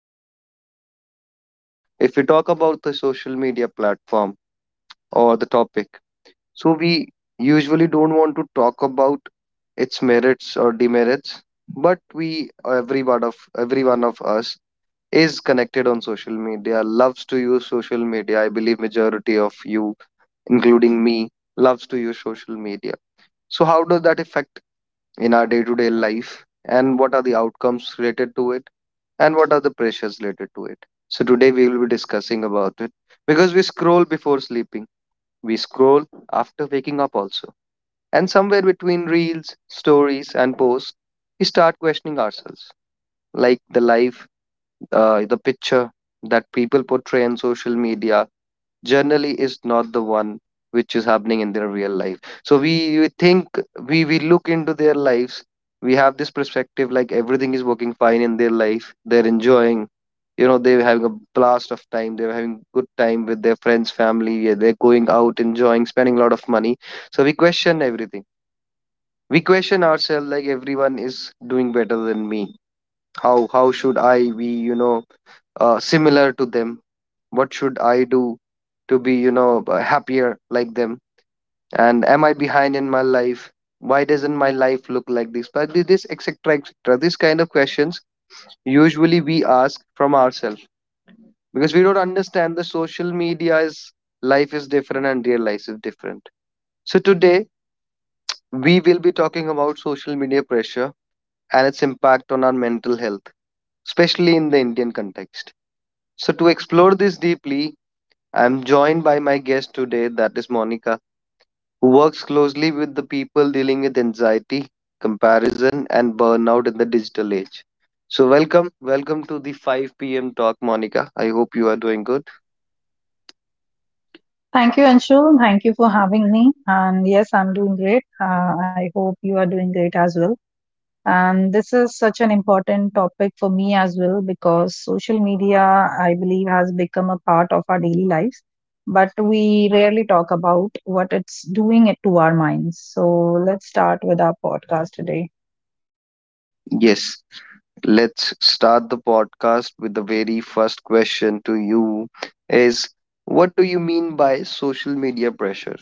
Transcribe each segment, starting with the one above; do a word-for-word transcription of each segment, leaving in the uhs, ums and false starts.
is social media pressure. If we talk about the social media platform or the topic, so we usually don't want to talk about its merits or demerits, but we, every one of every one of us, is connected on social media, loves to use social media. I believe majority of you, including me, loves to use social media. So how does that affect in our day-to-day life? And what are the outcomes related to it? And what are the pressures related to it? So today we will be discussing about it because we scroll before sleeping. We scroll after waking up also, and somewhere between reels, stories, and posts, we start questioning ourselves. Like the life, uh, the picture that people portray on social media generally is not the one which is happening in their real life. So we, we think, we, we look into their lives, we have this perspective like everything is working fine in their life, they're enjoying. You know, they're having a blast of time. They're having good time with their friends, family. Yeah, they're going out, enjoying, spending a lot of money. So we question everything, we question ourselves, like everyone is doing better than me. How how should I be, you know uh, similar to them? What should I do to be, you know uh, happier like them? And am I behind in my life? Why doesn't my life look like this? But thi- this, etc, etc, this kind of questions usually we ask from ourselves, because we don't understand the social media's life is different and real life is different. So today we will be talking about social media pressure and its impact on our mental health, especially in the Indian context. So, to explore this deeply, I am joined by my guest today, that is Monica, who works closely with the people dealing with anxiety, comparison, and burnout in the digital age. So, welcome, welcome to the five p m talk, Monica. I hope you are doing good. Thank you, Anshul. Thank you for having me. And yes, I'm doing great. Uh, I hope you are doing great as well. And this is such an important topic for me as well because social media, I believe, has become a part of our daily lives, but we rarely talk about what it's doing it to our minds. So let's start with our podcast today. Yes, let's start the podcast with the very first question to you is, what do you mean by social media pressure?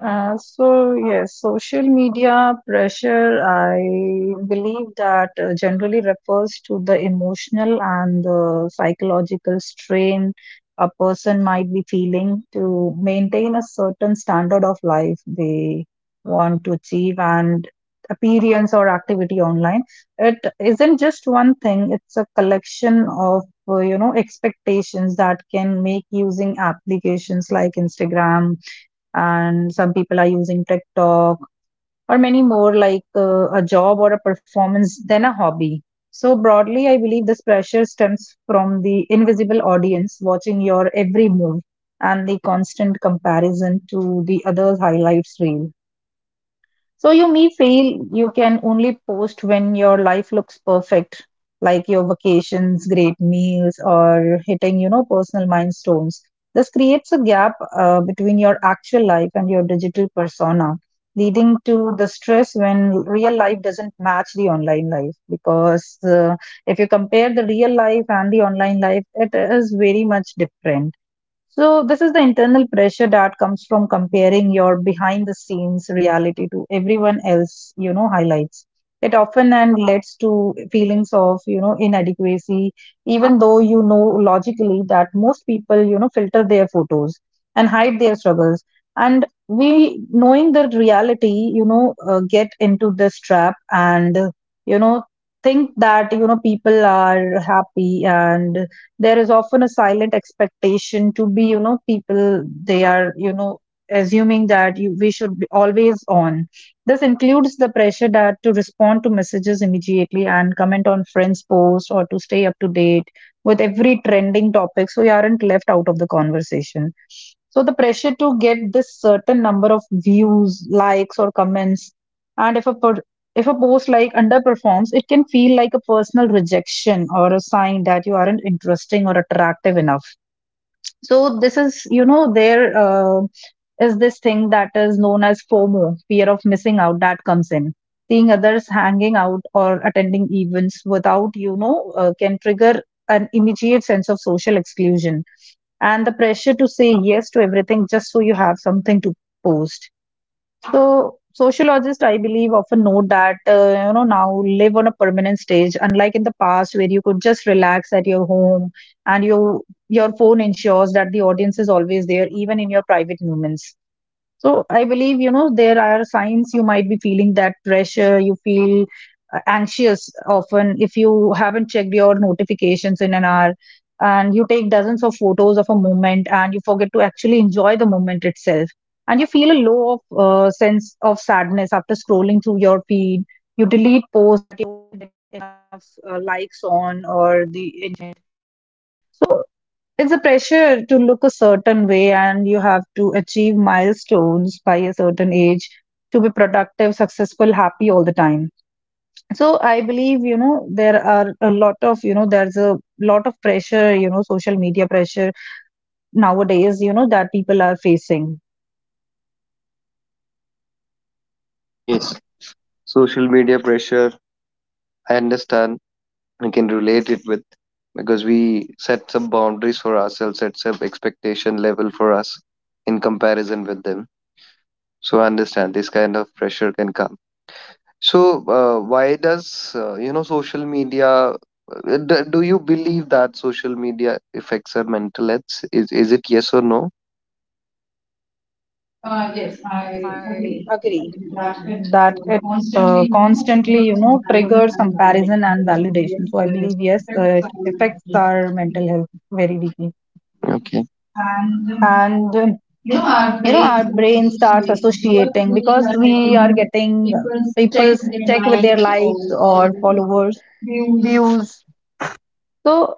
Uh, so yes, social media pressure, I believe that uh, generally refers to the emotional and the psychological strain a person might be feeling to maintain a certain standard of life they want to achieve and appearance or activity online. It isn't just one thing, it's a collection of uh, you know expectations that can make using applications like Instagram, and some people are using TikTok or many more like uh, a job or a performance than a hobby. So, broadly, I believe this pressure stems from the invisible audience watching your every move and the constant comparison to the others' highlights reel. So you may feel you can only post when your life looks perfect, like your vacations, great meals, or hitting, you know, personal milestones. This creates a gap uh, between your actual life and your digital persona, leading to the stress when real life doesn't match the online life. Because uh, if you compare the real life and the online life, it is very much different. So this is the internal pressure that comes from comparing your behind the scenes reality to everyone else, you know, highlights. It often and leads to feelings of, you know, inadequacy, even though you know logically that most people, you know, filter their photos and hide their struggles. And we, knowing the reality, you know, uh, get into this trap and, uh, you know, think that, you know, people are happy, and there is often a silent expectation to be, you know, people they are, you know, assuming that you, we should be always on. This includes the pressure that to respond to messages immediately and comment on friends posts or to stay up to date with every trending topic so you aren't left out of the conversation. So the pressure to get this certain number of views, likes, or comments, and if a per- if a post like underperforms, it can feel like a personal rejection or a sign that you aren't interesting or attractive enough. So this is, you know, there uh, is this thing that is known as FOMO, fear of missing out, that comes in. Seeing others hanging out or attending events without, you know, uh, can trigger an immediate sense of social exclusion and the pressure to say yes to everything just so you have something to post. So sociologists, I believe, often note that uh, you know, now live on a permanent stage, unlike in the past where you could just relax at your home, and you your phone ensures that the audience is always there, even in your private moments. So I believe, you know, there are signs you might be feeling that pressure. You feel uh, anxious often if you haven't checked your notifications in an hour, and you take dozens of photos of a moment and you forget to actually enjoy the moment itself. And you feel a low of uh, sense of sadness after scrolling through your feed. You delete posts that you didn't have enough uh, likes on or the engagement. It's a pressure to look a certain way, and you have to achieve milestones by a certain age to be productive, successful, happy all the time. So I believe, you know, there are a lot of, you know, there's a lot of pressure, you know, social media pressure nowadays, you know, that people are facing. Social media pressure, I understand. I can relate it with, because we set some boundaries for ourselves, set some expectation level for us in comparison with them. So I understand this kind of pressure can come. So, uh, why does uh, you know social media uh, d- do you believe that social media affects our mental health? Is, is it yes or no? Uh, Yes, I agree that it uh, constantly, you know, triggers comparison and validation. So I believe, yes, uh, it affects our mental health very deeply. Okay. And um, you know, our brain starts associating because we are getting people's check with their likes or followers, views. So,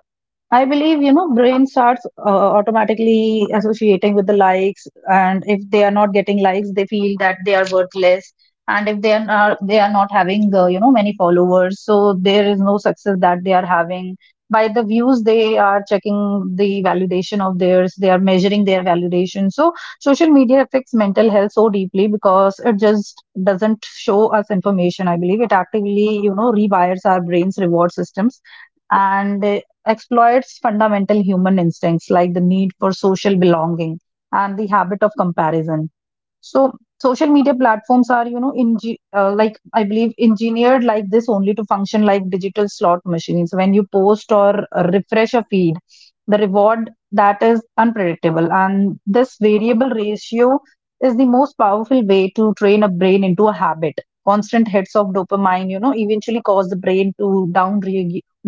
I believe, you know, brain starts uh, automatically associating with the likes, and if they are not getting likes, they feel that they are worthless. And if they are not, they are not having, uh, you know, many followers, so there is no success that they are having. By the views, they are checking the validation of theirs. They are measuring their validation. So social media affects mental health so deeply because it just doesn't show us information. I believe it actively, you know, rewires our brain's reward systems and uh, exploits fundamental human instincts like the need for social belonging and the habit of comparison. So social media platforms are, you know, inge- uh, like I believe engineered like this only to function like digital slot machines. When you post or uh, refresh a feed, the reward that is unpredictable, and this variable ratio is the most powerful way to train a brain into a habit. Constant hits of dopamine, you know, eventually cause the brain to down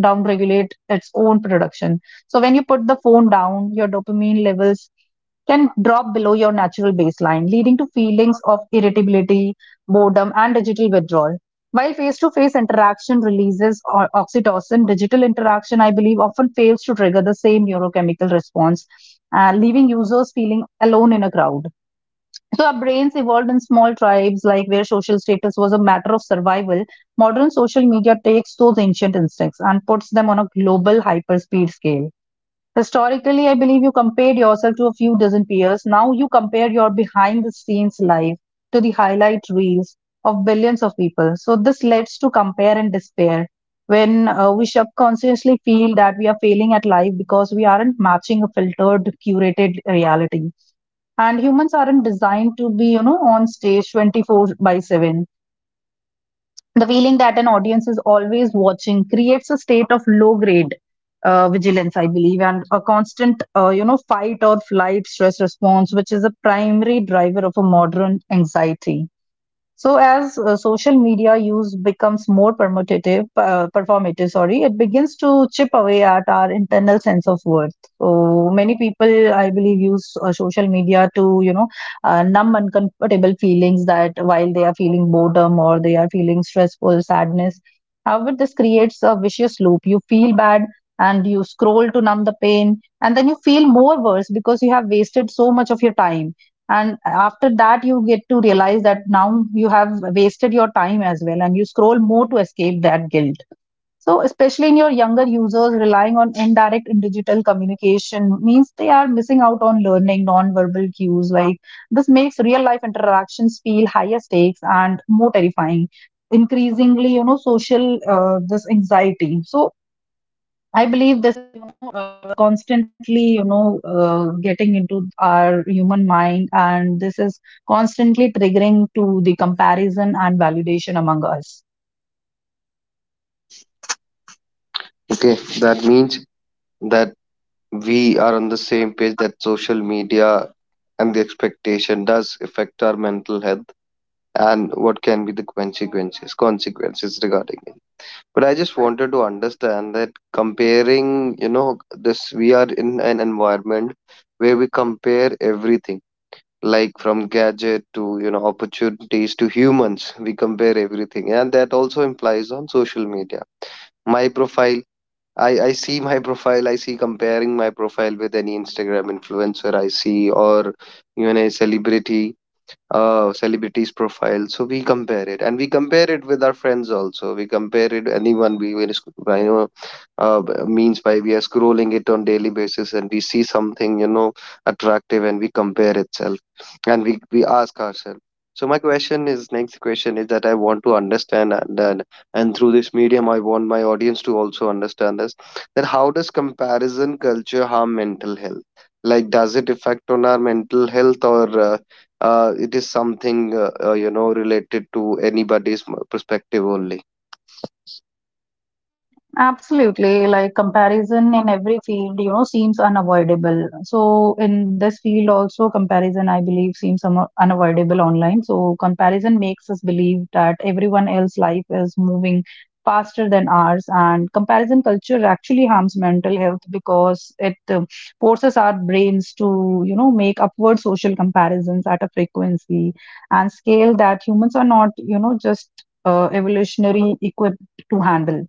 down regulate its own production. So when you put the phone down, your dopamine levels can drop below your natural baseline, leading to feelings of irritability, boredom, and digital withdrawal. While face to face interaction releases o- oxytocin, digital interaction, I believe, often fails to trigger the same neurochemical response, uh, leaving users feeling alone in a crowd. So, our brains evolved in small tribes, like where social status was a matter of survival. Modern social media takes those ancient instincts and puts them on a global hyperspeed scale. Historically, I believe you compared yourself to a few dozen peers. Now you compare your behind the scenes life to the highlight reels of billions of people. So this leads to compare and despair when uh, we subconsciously feel that we are failing at life because we aren't matching a filtered, curated reality. And humans aren't designed to be, you know, on stage twenty-four by seven. The feeling that an audience is always watching creates a state of low grade uh, vigilance, I believe, and a constant, uh, you know, fight or flight stress response, which is a primary driver of a modern anxiety. So as uh, social media use becomes more permutative, uh, performative, sorry, it begins to chip away at our internal sense of worth. So many people, I believe, use uh, social media to, you know, uh, numb uncomfortable feelings that while they are feeling boredom or they are feeling stressful, sadness. However, this creates a vicious loop. You feel bad and you scroll to numb the pain, and then you feel more worse because you have wasted so much of your time, and after that you get to realize that now you have wasted your time as well, and you scroll more to escape that guilt. So especially in your younger users relying on indirect and digital communication means they are missing out on learning non-verbal cues like this makes real life interactions feel higher stakes and more terrifying, increasingly, you know, social uh, this anxiety. So I believe this, you know, uh, constantly, you know, uh, getting into our human mind, and this is constantly triggering to the comparison and validation among us. Okay, that means that we are on the same page, that social media and the expectation does affect our mental health. And what can be the consequences consequences regarding it? But I just wanted to understand that comparing, you know this, we are in an environment where we compare everything, like from gadget to, you know opportunities, to humans. We compare everything, and that also implies on social media. My profile, i i see my profile, I see comparing my profile with any Instagram influencer I see, or even a celebrity, uh, celebrities' profile. So we compare it, and we compare it with our friends also. We compare it anyone we were sc- I know, uh, b- means by we are scrolling it on daily basis, and we see something, you know attractive, and we compare itself, and we we ask ourselves. So my question is, next question is, that I want to understand, and and, and through this medium I want my audience to also understand this, that how does comparison culture harm mental health? Like, does it affect on our mental health, or uh, uh, it is something, uh, uh, you know related to anybody's m- perspective only? Absolutely, like comparison in every field, you know, seems unavoidable. So, in this field, also, comparison, I believe, seems un- unavoidable online. So, comparison makes us believe that everyone else's life is moving faster than ours, and comparison culture actually harms mental health because it uh, forces our brains to, you know, make upward social comparisons at a frequency and scale that humans are not, you know, just uh, evolutionary equipped to handle.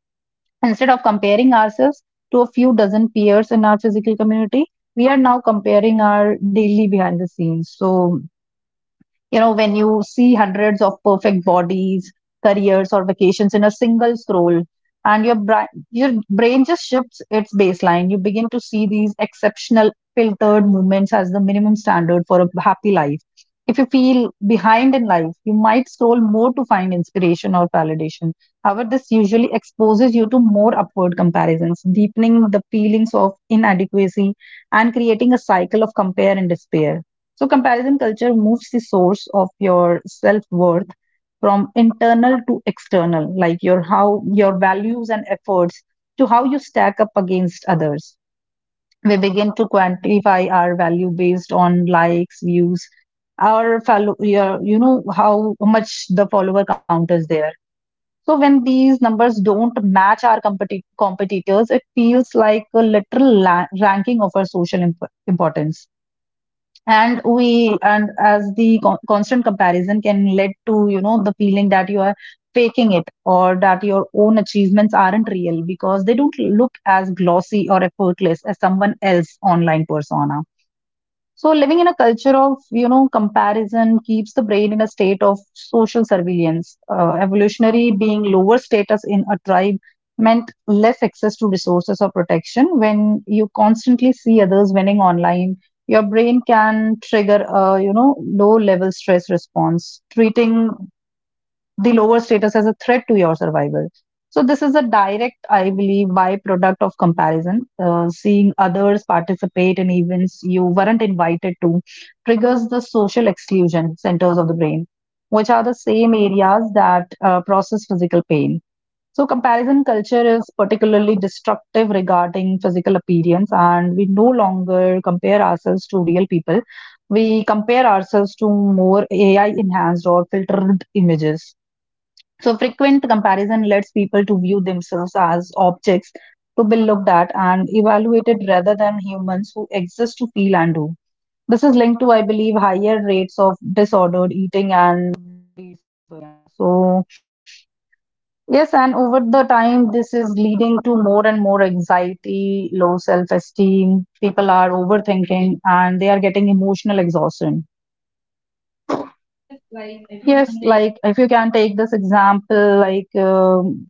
Instead of comparing ourselves to a few dozen peers in our physical community, we are now comparing our daily behind the scenes. So, you know, when you see hundreds of perfect bodies, careers, or vacations in a single scroll, and your brain, your brain just shifts its baseline. You begin to see these exceptional filtered moments as the minimum standard for a happy life. If you feel behind in life, you might scroll more to find inspiration or validation. However, this usually exposes you to more upward comparisons, deepening the feelings of inadequacy and creating a cycle of compare and despair. So, comparison culture moves the source of your self worth from internal to external, like your how your values and efforts to how you stack up against others. We begin to quantify our value based on likes, views, our follow, your, you know, how much the follower count is there. So when these numbers don't match our competi- competitors, it feels like a literal la- ranking of our social imp- importance, and we and as the con- constant comparison can lead to you know the feeling that you are faking it or that your own achievements aren't real because they don't look as glossy or effortless as someone else online persona. So living in a culture of you know comparison keeps the brain in a state of social surveillance. Uh, evolutionary, being lower status in a tribe meant less access to resources or protection. When you constantly see others winning online, your brain can trigger a you know low level stress response, treating the lower status as a threat to your survival. So, this is a direct, I believe, byproduct of comparison. Uh, seeing others participate in events you weren't invited to triggers the social exclusion centers of the brain, which are the same areas that uh, process physical pain. So, comparison culture is particularly destructive regarding physical appearance, and we no longer compare ourselves to real people. We compare ourselves to more A I enhanced or filtered images. So, frequent comparison leads people to view themselves as objects to be looked at and evaluated rather than humans who exist to feel and do. This is linked to, I believe, higher rates of disordered eating and belief. So, yes, and over the time, this is leading to more and more anxiety, low self esteem. People are overthinking and they are getting emotional exhaustion. Yes, like if you can take this example, like um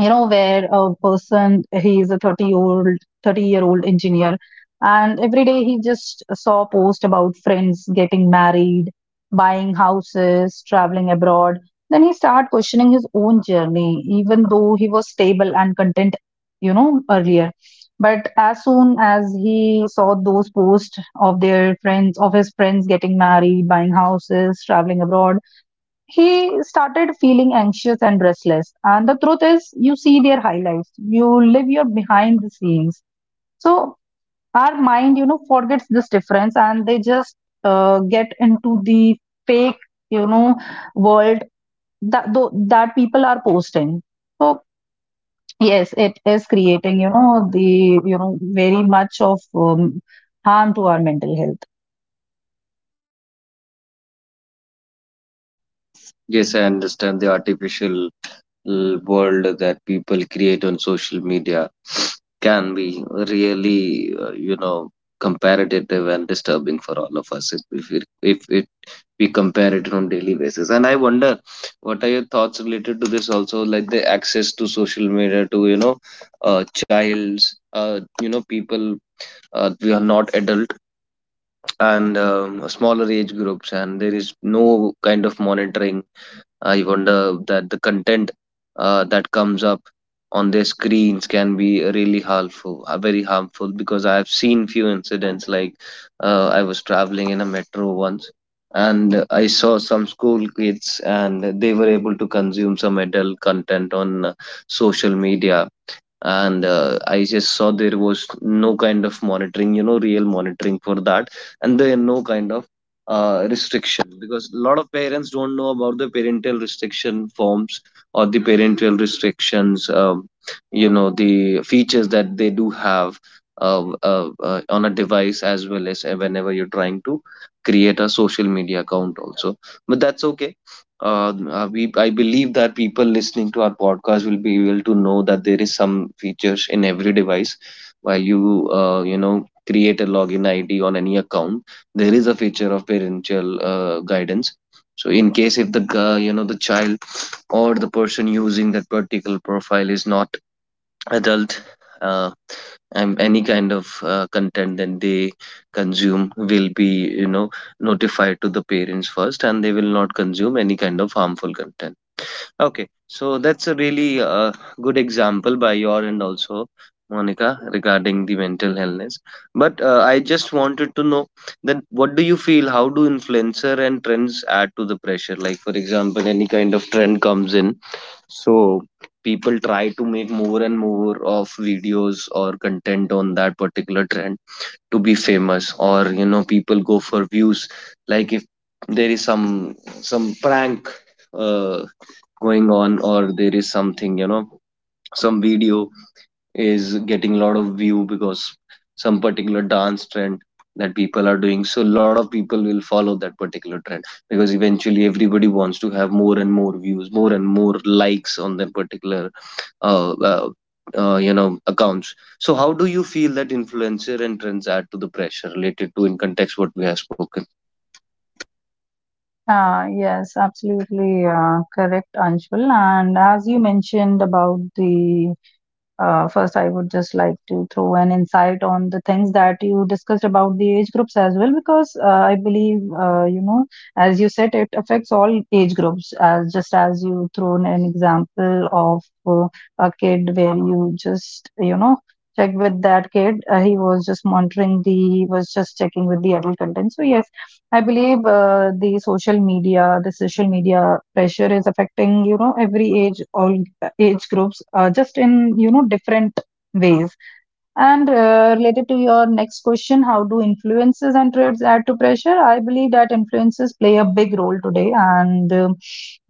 you know where a person he is a thirty year old thirty year old engineer, and every day he just saw post about friends getting married, buying houses, traveling abroad. Then he started questioning his own journey even though he was stable and content, you know, earlier. But as soon as he saw those posts of their friends, of his friends, getting married, buying houses, traveling abroad, he started feeling anxious and restless. And the truth is, you see their highlights, you live your behind the scenes. So our mind, you know, forgets this difference, and they just uh, get into the fake, you know, world that tho- that people are posting. So yes, it is creating, you know, the you know very much of um, harm to our mental health. Yes, I understand the artificial, uh, world that people create on social media can be really, uh, you know, comparative and disturbing for all of us, if if it, if it we compare it on daily basis. And I wonder, what are your thoughts related to this? Also, like the access to social media to, you know, uh, childs, uh, you know, people, uh, we are not adult, and um, smaller age groups, and there is no kind of monitoring. I wonder that the content, uh, that comes up on their screens, can be really harmful, uh, very harmful, because I have seen few incidents. Like, uh, I was traveling in a metro once, and I saw some school kids and they were able to consume some adult content on, uh, social media. And uh, I just saw there was no kind of monitoring, you know real monitoring for that. And there no kind of uh, restriction, because a lot of parents don't know about the parental restriction forms, or the parental restrictions, um, you know the features that they do have, uh, uh, uh, on a device, as well as whenever you're trying to create a social media account also. But that's okay. uh, uh, we I believe that people listening to our podcast will be able to know that there is some features in every device. While you, uh, you know create a login I D on any account, there is a feature of parental, uh, guidance. So in case if the gu- you know the child or the person using that particular profile is not adult, uh, and any kind of, uh, content that they consume will be, you know notified to the parents first, and they will not consume any kind of harmful content. Okay, so that's a really, uh, good example by your end also, Monica, regarding the mental illness. But, uh, I just wanted to know that, what do you feel? How do influencer and trends add to the pressure? Like, for example, any kind of trend comes in, so people try to make more and more of videos or content on that particular trend to be famous, or, you know, people go for views. Like, if there is some some prank, Uh, going on, or there is something, you know some video is getting a lot of view because some particular dance trend that people are doing, so a lot of people will follow that particular trend, because eventually everybody wants to have more and more views, more and more likes on that particular, uh, uh, uh, you know accounts. So how do you feel that influencer and trends add to the pressure, related to in context what we have spoken? Uh, yes, absolutely uh, correct, Anshul. And as you mentioned about the, uh, first, I would just like to throw an insight on the things that you discussed about the age groups as well, because uh, I believe, uh, you know, as you said, it affects all age groups. As just as you thrown an example of uh, a kid where you just, you know, check with that kid, uh, he was just monitoring the, he was just checking with the adult content. So yes, I believe uh, the social media, the social media pressure is affecting, you know, every age, all age groups uh, just in you know different ways. And uh, related to your next question, how do influences and trends add to pressure? I believe that influences play a big role today, and um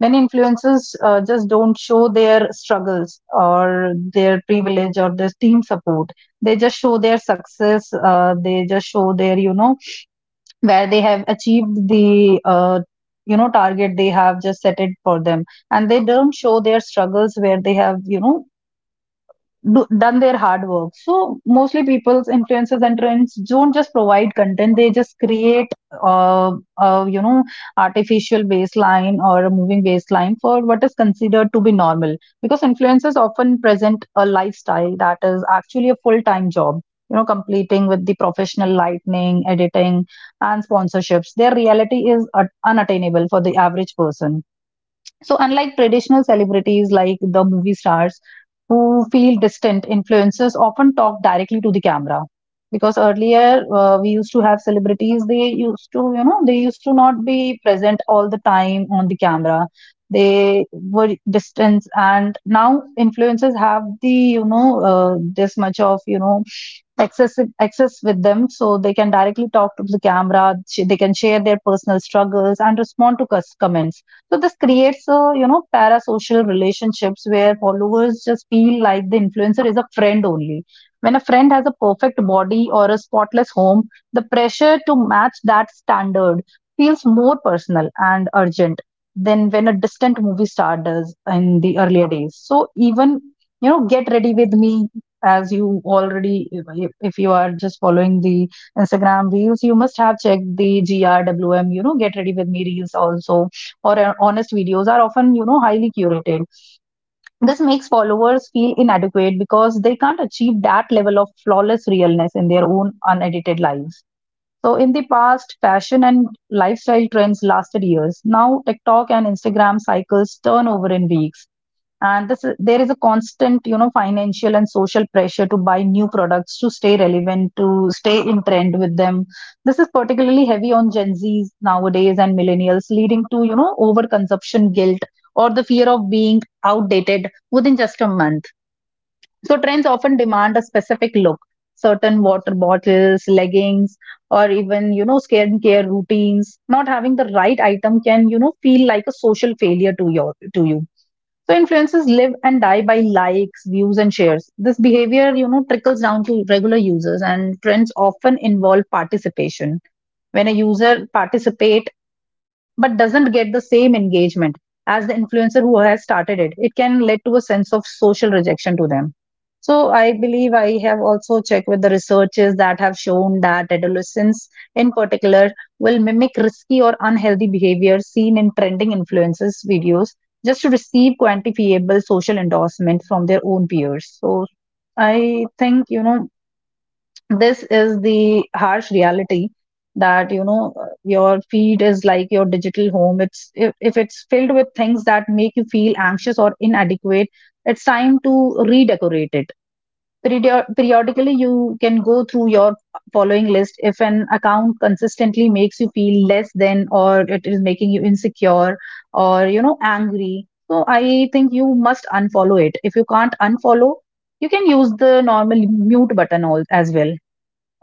many influences uh, just don't show their struggles or their privilege or their team support. They just show their success. Uh, they just show their, you know, where they have achieved the uh, you know target they have just set it for them, and they don't show their struggles where they have, you know, do, done their hard work. So mostly people's influencers and trends don't just provide content; they just create, uh, uh, you know, artificial baseline or a moving baseline for what is considered to be normal. Because influencers often present a lifestyle that is actually a full-time job. You know, completing with the professional lighting, editing, and sponsorships. Their reality is uh, unattainable for the average person. So, unlike traditional celebrities like the movie stars who feel distant, influencers often talk directly to the camera. Because earlier uh, we used to have celebrities, they used to, you know, they used to not be present all the time on the camera. They were distant, and now influencers have the, you know, uh, this much of, you know, access access with them, so they can directly talk to the camera. Sh- they can share their personal struggles and respond to cus- comments. So this creates a, you know, parasocial relationships where followers just feel like the influencer is a friend only. When a friend has a perfect body or a spotless home, the pressure to match that standard feels more personal and urgent than when a distant movie star does in the earlier days. So even, you know, get ready with me, as you already, if if you are just following the Instagram reels, you must have checked the GRWM, you know, get ready with me reels also, or uh, honest videos are often, you know, highly curated. This makes followers feel inadequate because they can't achieve that level of flawless realness in their own unedited lives. So in the past, fashion and lifestyle trends lasted years. Now TikTok and Instagram cycles turn over in weeks, and this is, there is a constant, you know, financial and social pressure to buy new products, to stay relevant, to stay in trend with them. This is particularly heavy on Gen Z's nowadays and millennials, leading to, you know, overconsumption guilt or the fear of being outdated within just a month. So trends often demand a specific look: certain water bottles, leggings, or even, you know, skincare routines. Not having the right item can, you know, feel like a social failure to your to you. So influencers live and die by likes, views, and shares. This behavior, you know, trickles down to regular users, and trends often involve participation. When a user participate but doesn't get the same engagement as the influencer who has started it, it can lead to a sense of social rejection to them. So I believe I have also checked with the researchers that have shown that adolescents in particular will mimic risky or unhealthy behavior seen in trending influencers videos just to receive quantifiable social endorsement from their own peers. So I think, you know, this is the harsh reality that, you know, your feed is like your digital home. It's, if, if it's filled with things that make you feel anxious or inadequate, it's time to redecorate it. Period- periodically, you can go through your following list. If an account consistently makes you feel less than or it is making you insecure or, you know, angry, so I think you must unfollow it. If you can't unfollow, you can use the normal mute button all, as well,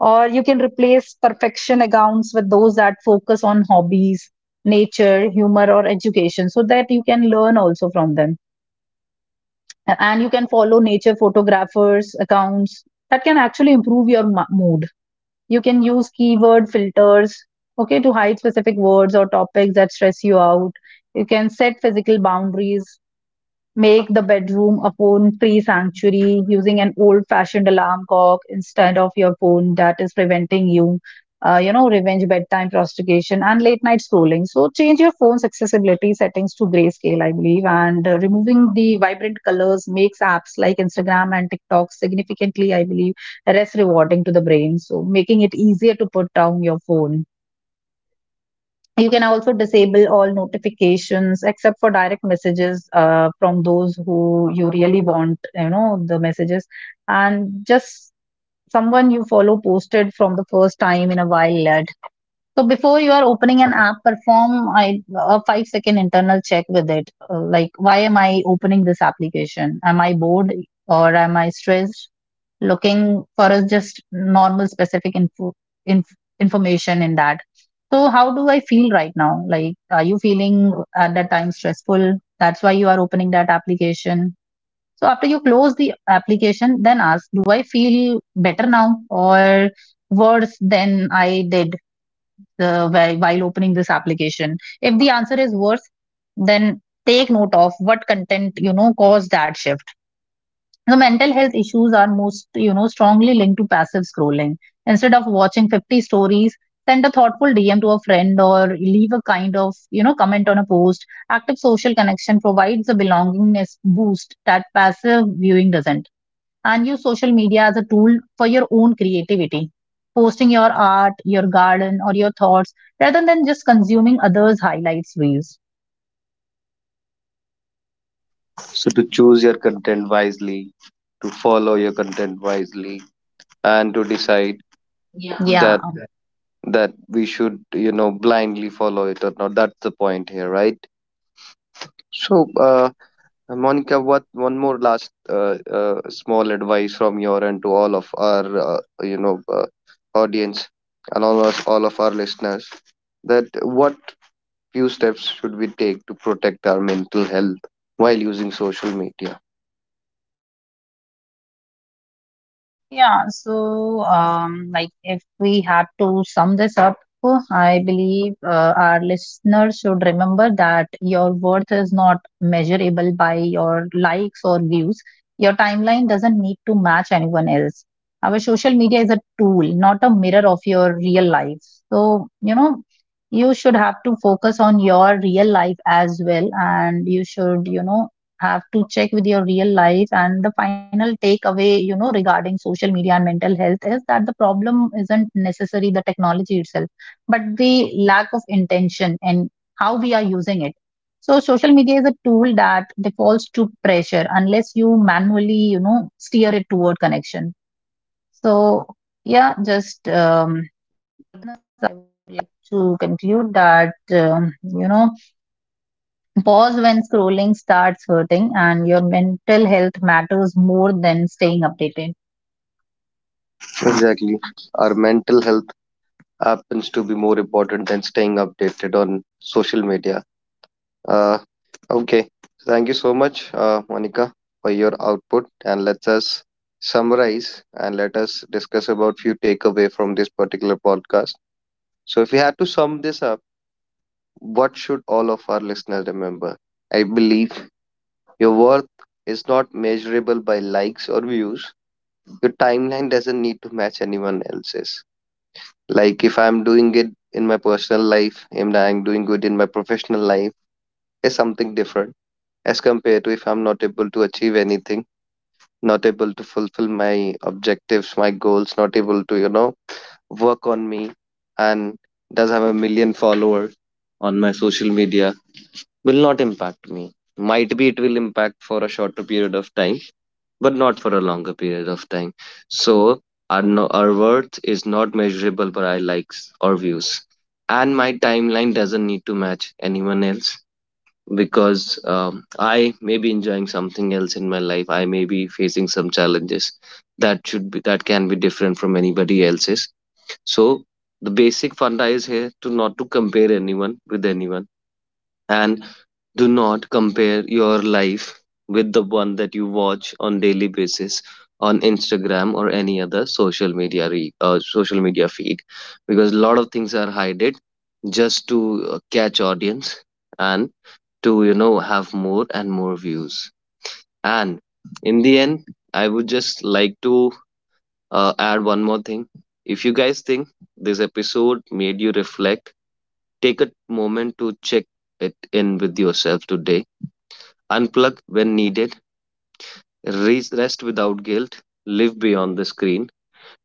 or you can replace perfection accounts with those that focus on hobbies, nature, humor, or education, so that you can learn also from them. And you can follow nature photographers accounts that can actually improve your mo- mood. You can use keyword filters, okay, to hide specific words or topics that stress you out. You can set physical boundaries. Make the bedroom a phone free sanctuary using an old fashioned alarm clock instead of your phone that is preventing you. Uh, you know, revenge bedtime prostitution and late night scrolling. So, change your phone's accessibility settings to grayscale, I believe, and uh, removing the vibrant colors makes apps like Instagram and TikTok significantly, I believe, less rewarding to the brain. So, making it easier to put down your phone. You can also disable all notifications except for direct messages uh, from those who you really want, you know, the messages. And just someone you follow posted from the first time in a while ad. So before you are opening an app, perform I, a five second internal check with it. Uh, like, why am I opening this application? Am I bored or am I stressed? Looking for a just normal specific info, inf- information in that. So, how do I feel right now? Like, are you feeling at that time stressful? That's why you are opening that application. So, after you close the application, then ask, do I feel better now or worse than I did uh, whi- while opening this application? If the answer is worse, then take note of what content, you know, caused that shift. So mental health issues are most, you know, strongly linked to passive scrolling. Instead of watching fifty stories, send a thoughtful D M to a friend or leave a kind of, you know, comment on a post. Active social connection provides a belongingness boost that passive viewing doesn't. And use social media as a tool for your own creativity. Posting your art, your garden, or your thoughts rather than just consuming others' highlights reels. So to choose your content wisely, to follow your content wisely, and to decide Yeah. that that we should, you know blindly follow it or not, that's the point here, right? So, uh, Monica, what one more last, uh, uh, small advice from your end to all of our, uh, you know uh, audience, and all of all of our listeners, that what few steps should we take to protect our mental health while using social media? Yeah, so um, like if we had to sum this up, I believe uh, our listeners should remember that your worth is not measurable by your likes or views. Your timeline doesn't need to match anyone else. Our social media is a tool, not a mirror of your real life. So, you know, you should have to focus on your real life as well, and you should, you know, have to check with your real life. And the final takeaway, you know, regarding social media and mental health is that the problem isn't necessarily the technology itself, but the lack of intention and how we are using it. So social media is a tool that defaults to pressure unless you manually, you know, steer it toward connection. So yeah, just um, I would like like to conclude that um, you know, pause when scrolling starts hurting, and your mental health matters more than staying updated. Exactly. Our mental health happens to be more important than staying updated on social media. Uh, Okay, thank you so much, uh, Monica, for your output. And let us summarize and let us discuss about few takeaway from this particular podcast. So, if we had to sum this up, what should all of our listeners remember? I believe your worth is not measurable by likes or views. Your timeline doesn't need to match anyone else's. Like, if I'm doing it in my personal life, and I'm doing good in my professional life, is something different as compared to, if I'm not able to achieve anything, not able to fulfill my objectives, my goals, not able to, you know, work on me, and does have a million followers on my social media, will not impact me. Might be it will impact for a shorter period of time, but not for a longer period of time. So our, no, our worth is not measurable by our likes or views. And my timeline doesn't need to match anyone else, because, um, I may be enjoying something else in my life. I may be facing some challenges that should be that can be different from anybody else's. So the basic funda is here to not to compare anyone with anyone, and do not compare your life with the one that you watch on daily basis on Instagram or any other social media re- uh, social media feed, because a lot of things are hided just to, uh, catch audience, and to, you know have more and more views, and in the end, I would just like to, uh, add one more thing. If you guys think this episode made you reflect, take a moment to check it in with yourself today. Unplug when needed, re- rest without guilt, live beyond the screen,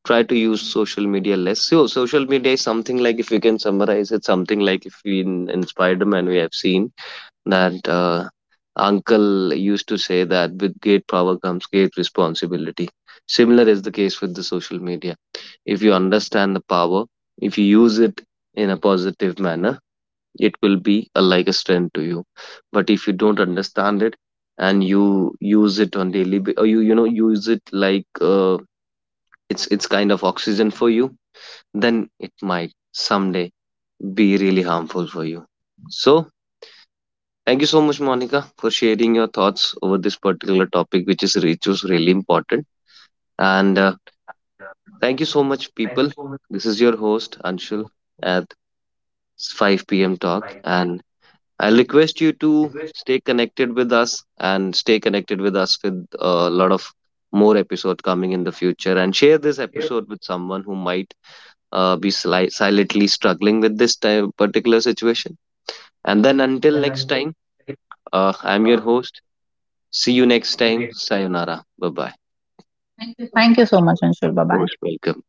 try to use social media less. So social media is something like, if we can summarize it, something like, if we in, in Spider-Man we have seen, that, uh, uncle used to say that with great power comes great responsibility. Similar is the case with the social media. If you understand the power, if you use it in a positive manner, it will be a, like a strength to you. But if you don't understand it and you use it on daily, ba- or you you know use it like, uh, it's it's kind of oxygen for you, then it might someday be really harmful for you. So thank you so much, Monica, for sharing your thoughts over this particular topic, which is which was really important. And, uh, thank you so much, people. This is your host Anshul at five p m. Talk, and I request you to stay connected with us, and stay connected with us, with a lot of more episode coming in the future. And share this episode with someone who might, uh, be sli- silently struggling with this type, particular situation. And then until next time, uh, I'm your host. See you next time. Sayonara. Bye bye. Thank you so much, Anshul. Bye bye. Most welcome.